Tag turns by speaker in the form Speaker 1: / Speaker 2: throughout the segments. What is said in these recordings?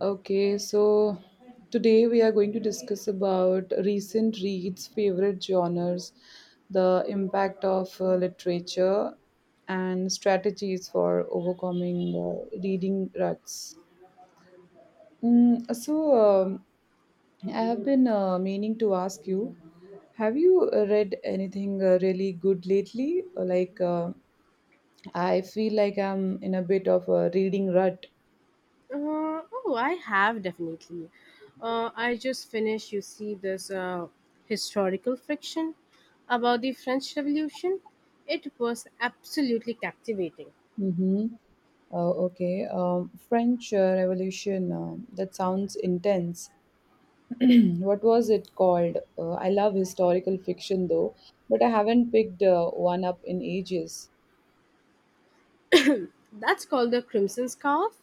Speaker 1: Okay, so today we are going to discuss about recent reads, favorite genres, the impact of literature, and strategies for overcoming reading ruts. Mm, so, um, I have been meaning to ask you, have you read anything really good lately? Or I feel like I'm in a bit of a reading rut.
Speaker 2: Oh, I have definitely. I just finished, you see, this historical fiction about the French Revolution. It was absolutely captivating.
Speaker 1: Mm-hmm. Oh, okay. French Revolution. That sounds intense. What was it called? I love historical fiction though, but I haven't picked one up in ages.
Speaker 2: That's called The Crimson Scarf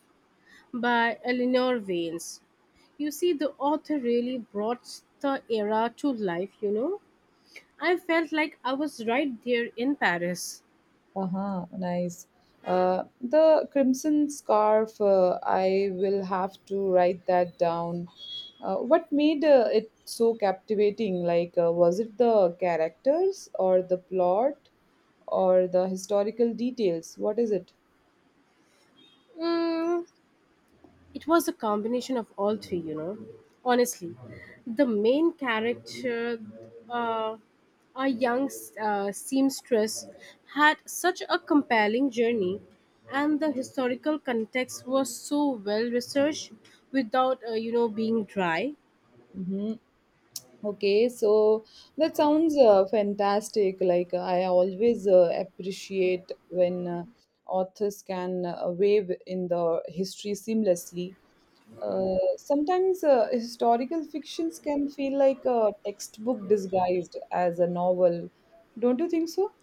Speaker 2: by Eleanor Vance. You see, the author really brought the era to life, you know. I felt like I was right there in Paris.
Speaker 1: Uh-huh, nice. The Crimson Scarf. I will have to write that down. What made it so captivating? Was it the characters or the plot or the historical details? What is it?
Speaker 2: Mm, it was a combination of all three, you know. Honestly, the main character, uh, a young seamstress, had such a compelling journey, and the historical context was so well researched without, being dry.
Speaker 1: Mm-hmm. Okay, so that sounds fantastic. I always appreciate when authors can wave in the history seamlessly. Sometimes historical fictions can feel like a textbook disguised as a novel. Don't you think so?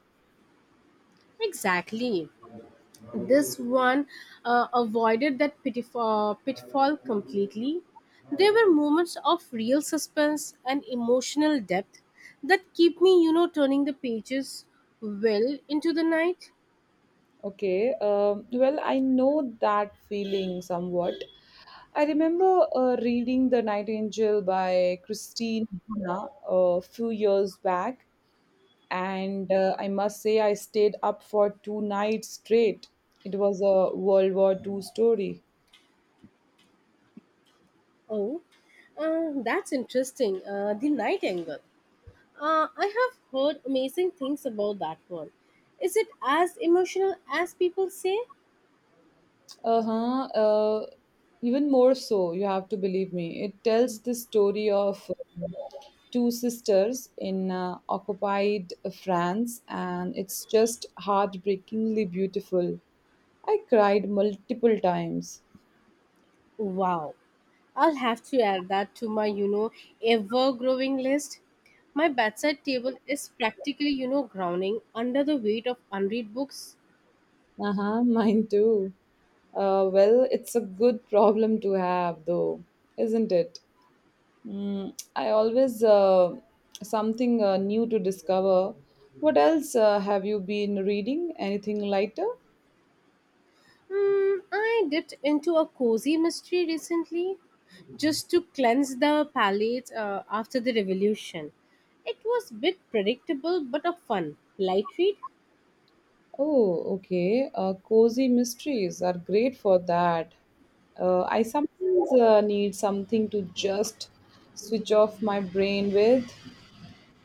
Speaker 2: Exactly. This one avoided that pitfall completely. There were moments of real suspense and emotional depth that keep me turning the pages well into the night.
Speaker 1: Okay. Well, I know that feeling somewhat. I remember reading The Night Angel by Christine Hanna a few years back, and I must say I stayed up for two nights straight. It was a World War Two story.
Speaker 2: Oh, that's interesting. The Night Angle. I have heard amazing things about that one. Is it as emotional as people say?
Speaker 1: Uh-huh, uh Even more so, you have to believe me. It tells the story of two sisters in occupied France, and it's just heartbreakingly beautiful. I cried multiple times.
Speaker 2: Wow. I'll have to add that to my ever growing list. My bedside table is practically groaning under the weight of unread books.
Speaker 1: Uh-huh, mine too. Well, it's a good problem to have, though, isn't it? I always something new to discover. What else have you been reading? Anything lighter?
Speaker 2: Hmm, I dipped into a cozy mystery recently just to cleanse the palate after the revolution. It was a bit predictable but a fun, light read.
Speaker 1: Oh, okay. Cozy mysteries are great for that. I sometimes need something to just switch off my brain with.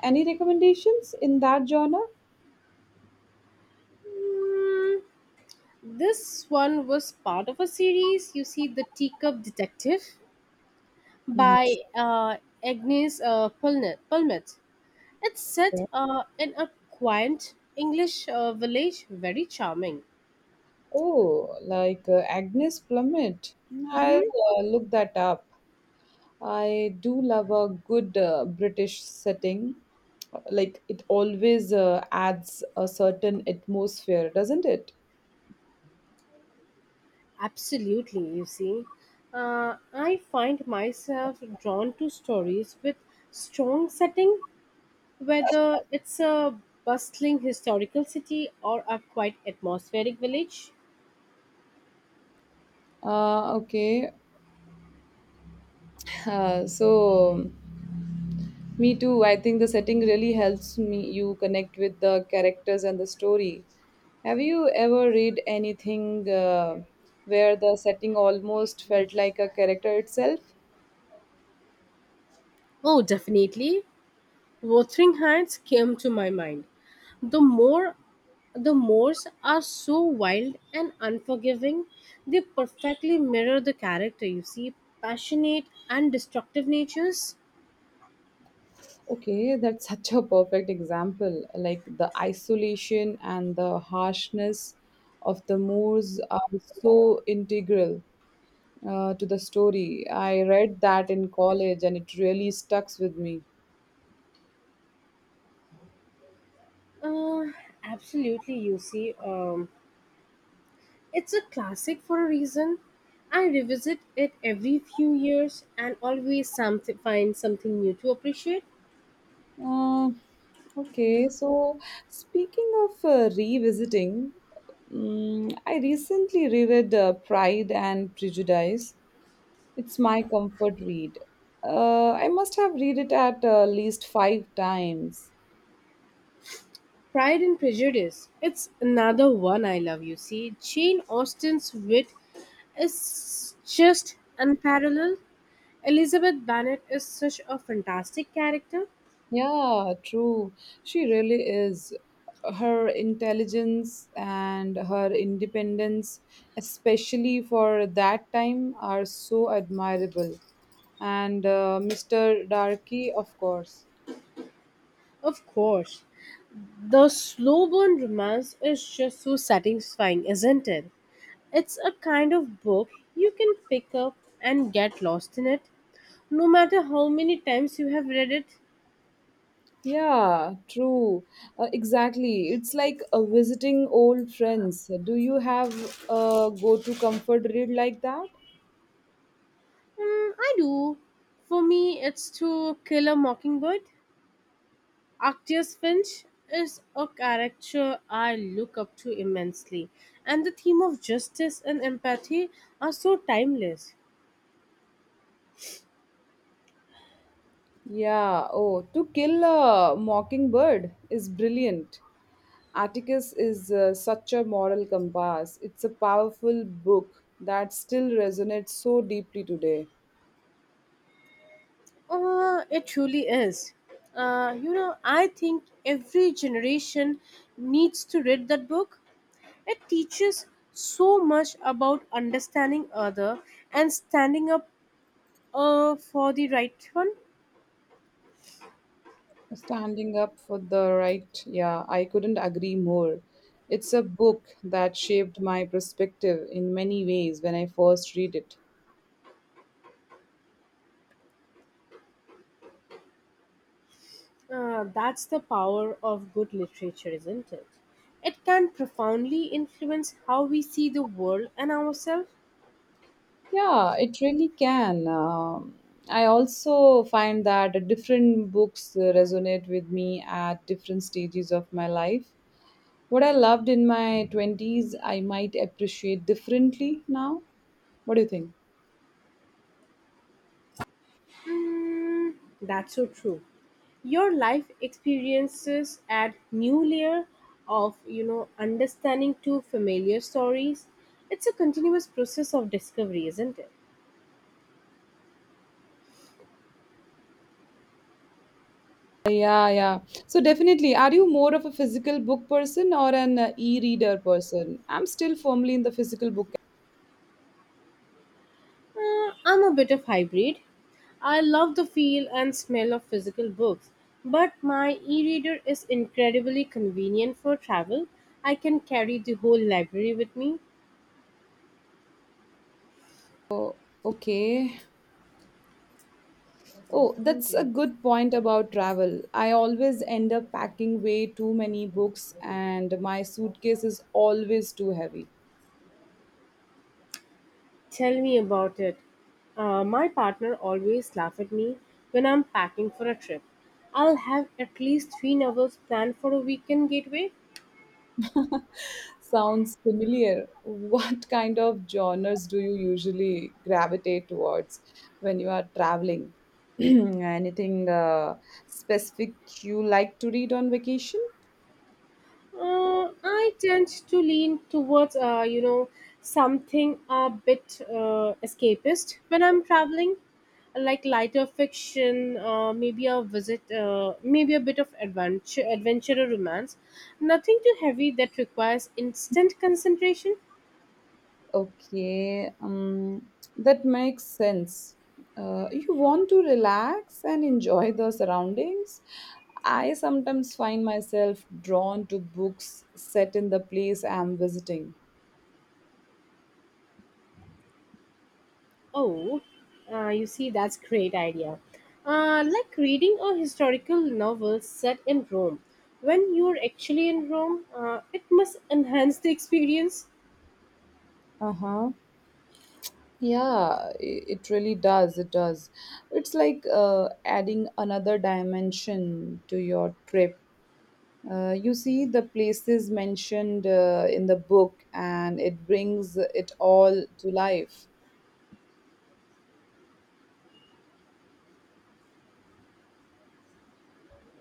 Speaker 1: Any recommendations in that genre?
Speaker 2: This one was part of a series, you see, The Teacup Detective
Speaker 1: Mm-hmm.
Speaker 2: by Agnes Pulnet. Pulmet. It's set in a quaint English village, very charming.
Speaker 1: Oh, like Agnes Plummet. I'll
Speaker 2: Mm-hmm.
Speaker 1: look that up. I do love a good British setting. Like it always adds a certain atmosphere, doesn't it?
Speaker 2: Absolutely, you see. I find myself drawn to stories with strong setting, whether it's a bustling historical city or a quiet atmospheric village.
Speaker 1: Okay. Uh, so, Me too. I think the setting really helps me you connect with the characters and the story. Have you ever read anything where the setting almost felt like a character itself?
Speaker 2: Oh, definitely. Wuthering Heights came to my mind. The more the Moors are so wild and unforgiving, they perfectly mirror the character. You see, passionate and destructive natures.
Speaker 1: Okay, that's such a perfect example. Like the isolation and the harshness of the Moors are so integral to the story. I read that in college and it really stuck with me.
Speaker 2: Uh, Absolutely, you see, it's a classic for a reason. I revisit it every few years and always some find something new to appreciate.
Speaker 1: Uh, okay, so speaking of revisiting, I recently reread Pride and Prejudice. It's my comfort read. I must have read it at least five times.
Speaker 2: Pride and Prejudice. It's another one I love, you see. Jane Austen's wit is just unparalleled. Elizabeth Bennet is such a fantastic character.
Speaker 1: Yeah, true. She really is. Her intelligence and her independence, especially for that time, are so admirable. And Mr. Darky, of course.
Speaker 2: Of course, the slow burn romance is just so satisfying, isn't it? It's a kind of book you can pick up and get lost in it, no matter how many times you have read it.
Speaker 1: Yeah, true. Exactly. It's like visiting old friends. Do you have a go to comfort read like that?
Speaker 2: Mm, I do. For me, it's To Kill a Mockingbird. Arctius Finch is a character I look up to immensely, and the theme of justice and empathy are so timeless.
Speaker 1: Yeah. Oh, To Kill a Mockingbird is brilliant. Atticus is such a moral compass. It's a powerful book that still resonates so deeply today.
Speaker 2: It truly is. I think every generation needs to read that book. It teaches so much about understanding other and standing up for the right one.
Speaker 1: Standing up for the right, yeah, I couldn't agree more. It's a book that shaped my perspective in many ways when I first read it.
Speaker 2: That's the power of good literature, isn't it? It can profoundly influence how we see the world and ourselves.
Speaker 1: Yeah, it really can. I also find that different books resonate with me at different stages of my life. What I loved in my 20s, I might appreciate differently now. What do you think?
Speaker 2: That's so true. Your life experiences add new layer of understanding to familiar stories. It's a continuous process of discovery, isn't it?
Speaker 1: Yeah, yeah. So definitely, are you more of a physical book person or an e-reader person? I'm still firmly in the physical book.
Speaker 2: I'm a bit of hybrid. I love the feel and smell of physical books, but my e-reader is incredibly convenient for travel. I can carry the whole library with me.
Speaker 1: Oh, okay. Oh, that's a good point about travel. I always end up packing way too many books and my suitcase is always too heavy.
Speaker 2: Tell me about it. My partner always laughs at me when I'm packing for a trip. I'll have at least three novels planned for a weekend getaway.
Speaker 1: Sounds familiar. What kind of genres do you usually gravitate towards when you are traveling? Anything specific you like to read on vacation?
Speaker 2: I tend to lean towards, something a bit escapist when I'm traveling, like lighter fiction, maybe a bit of adventure or romance. Nothing too heavy that requires instant concentration.
Speaker 1: Okay, that makes sense. You want to relax and enjoy the surroundings. I sometimes find myself drawn to books set in the place I'm visiting.
Speaker 2: Oh, you see, that's great idea. Like reading a historical novel set in Rome. When you're actually in Rome, it must enhance the experience.
Speaker 1: Uh huh. Yeah, it really does. It does. It's like adding another dimension to your trip. You see the places mentioned in the book, and it brings it all to life.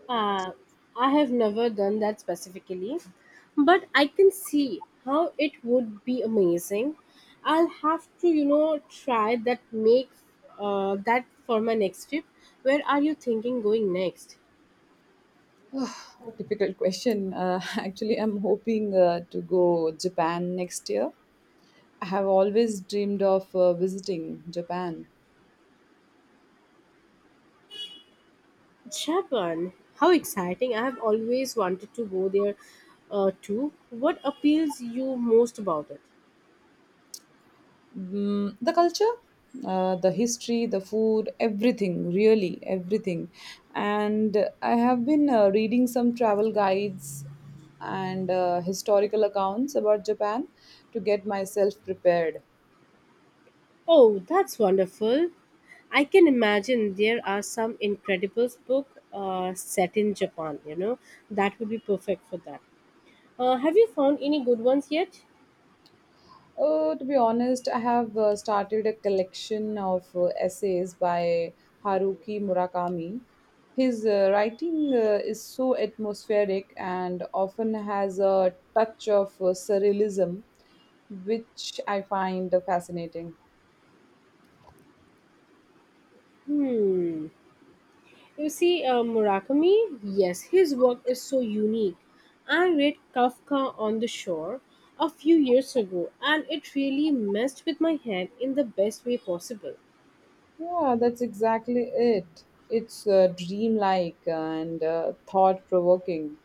Speaker 2: Uh, I have never done that specifically, but I can see how it would be amazing. I'll have to try that make that for my next trip. Where are you thinking going next?
Speaker 1: Difficult question. Actually, I'm hoping to go Japan next year. I have always dreamed of visiting Japan.
Speaker 2: Japan. How exciting. I have always wanted to go there too. What appeals you most about it?
Speaker 1: Mm, the culture, the history, the food, everything, really, everything. And I have been reading some travel guides and historical accounts about Japan to get myself prepared.
Speaker 2: Oh, that's wonderful. I can imagine there are some incredible book set in Japan, you know. That would be perfect for that. Have you found any good ones yet?
Speaker 1: Oh, to be honest, I have started a collection of essays by Haruki Murakami. His writing is so atmospheric and often has a touch of surrealism which I find fascinating.
Speaker 2: Hmm. You see, Murakami, yes, his work is so unique. I read Kafka on the Shore a few years ago and it really messed with my head in the best way possible.
Speaker 1: Yeah, that's exactly it. It's dreamlike and thought provoking.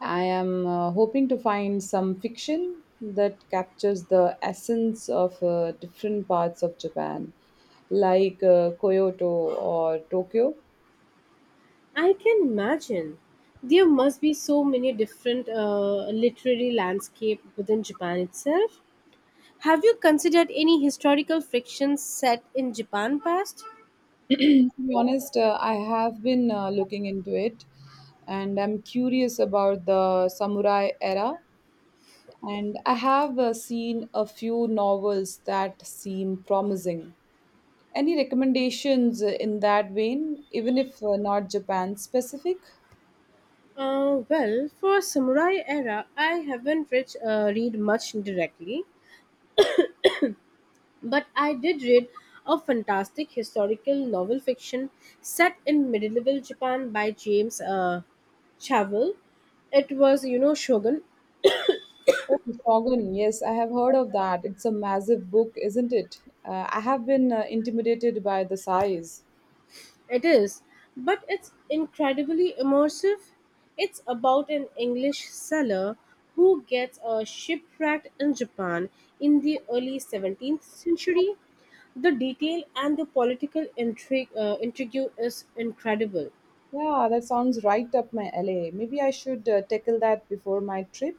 Speaker 1: I am hoping to find some fiction that captures the essence of different parts of Japan, like Kyoto or Tokyo.
Speaker 2: I can imagine. There must be so many different literary landscape within Japan itself. Have you considered any historical fictions set in Japan past?
Speaker 1: To be honest, I have been looking into it and I'm curious about the samurai era. And I have seen a few novels that seem promising. Any recommendations in that vein, even if not Japan specific?
Speaker 2: Well, for samurai era, I haven't read much directly, but I did read a fantastic historical novel fiction set in medieval Japan by James Chavel. It was, you know, Shogun.
Speaker 1: Oh, Shogun, yes, I have heard of that. It's a massive book, isn't it? I have been intimidated by the size.
Speaker 2: It is, but it's incredibly immersive. It's about an English sailor who gets shipwrecked in Japan in the early 17th century. The detail and the political intrigue is incredible.
Speaker 1: Yeah, that sounds right up my alley. Maybe I should tackle that before my trip.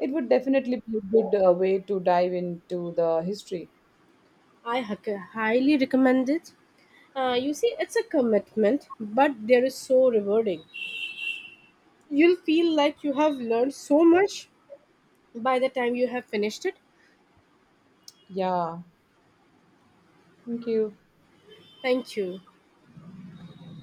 Speaker 1: It would definitely be a good way to dive into the history.
Speaker 2: I highly recommend it. You see, it's a commitment, but there is so rewarding. You'll feel like you have learned so much by the time you have finished it.
Speaker 1: Yeah, thank you.
Speaker 2: Thank you.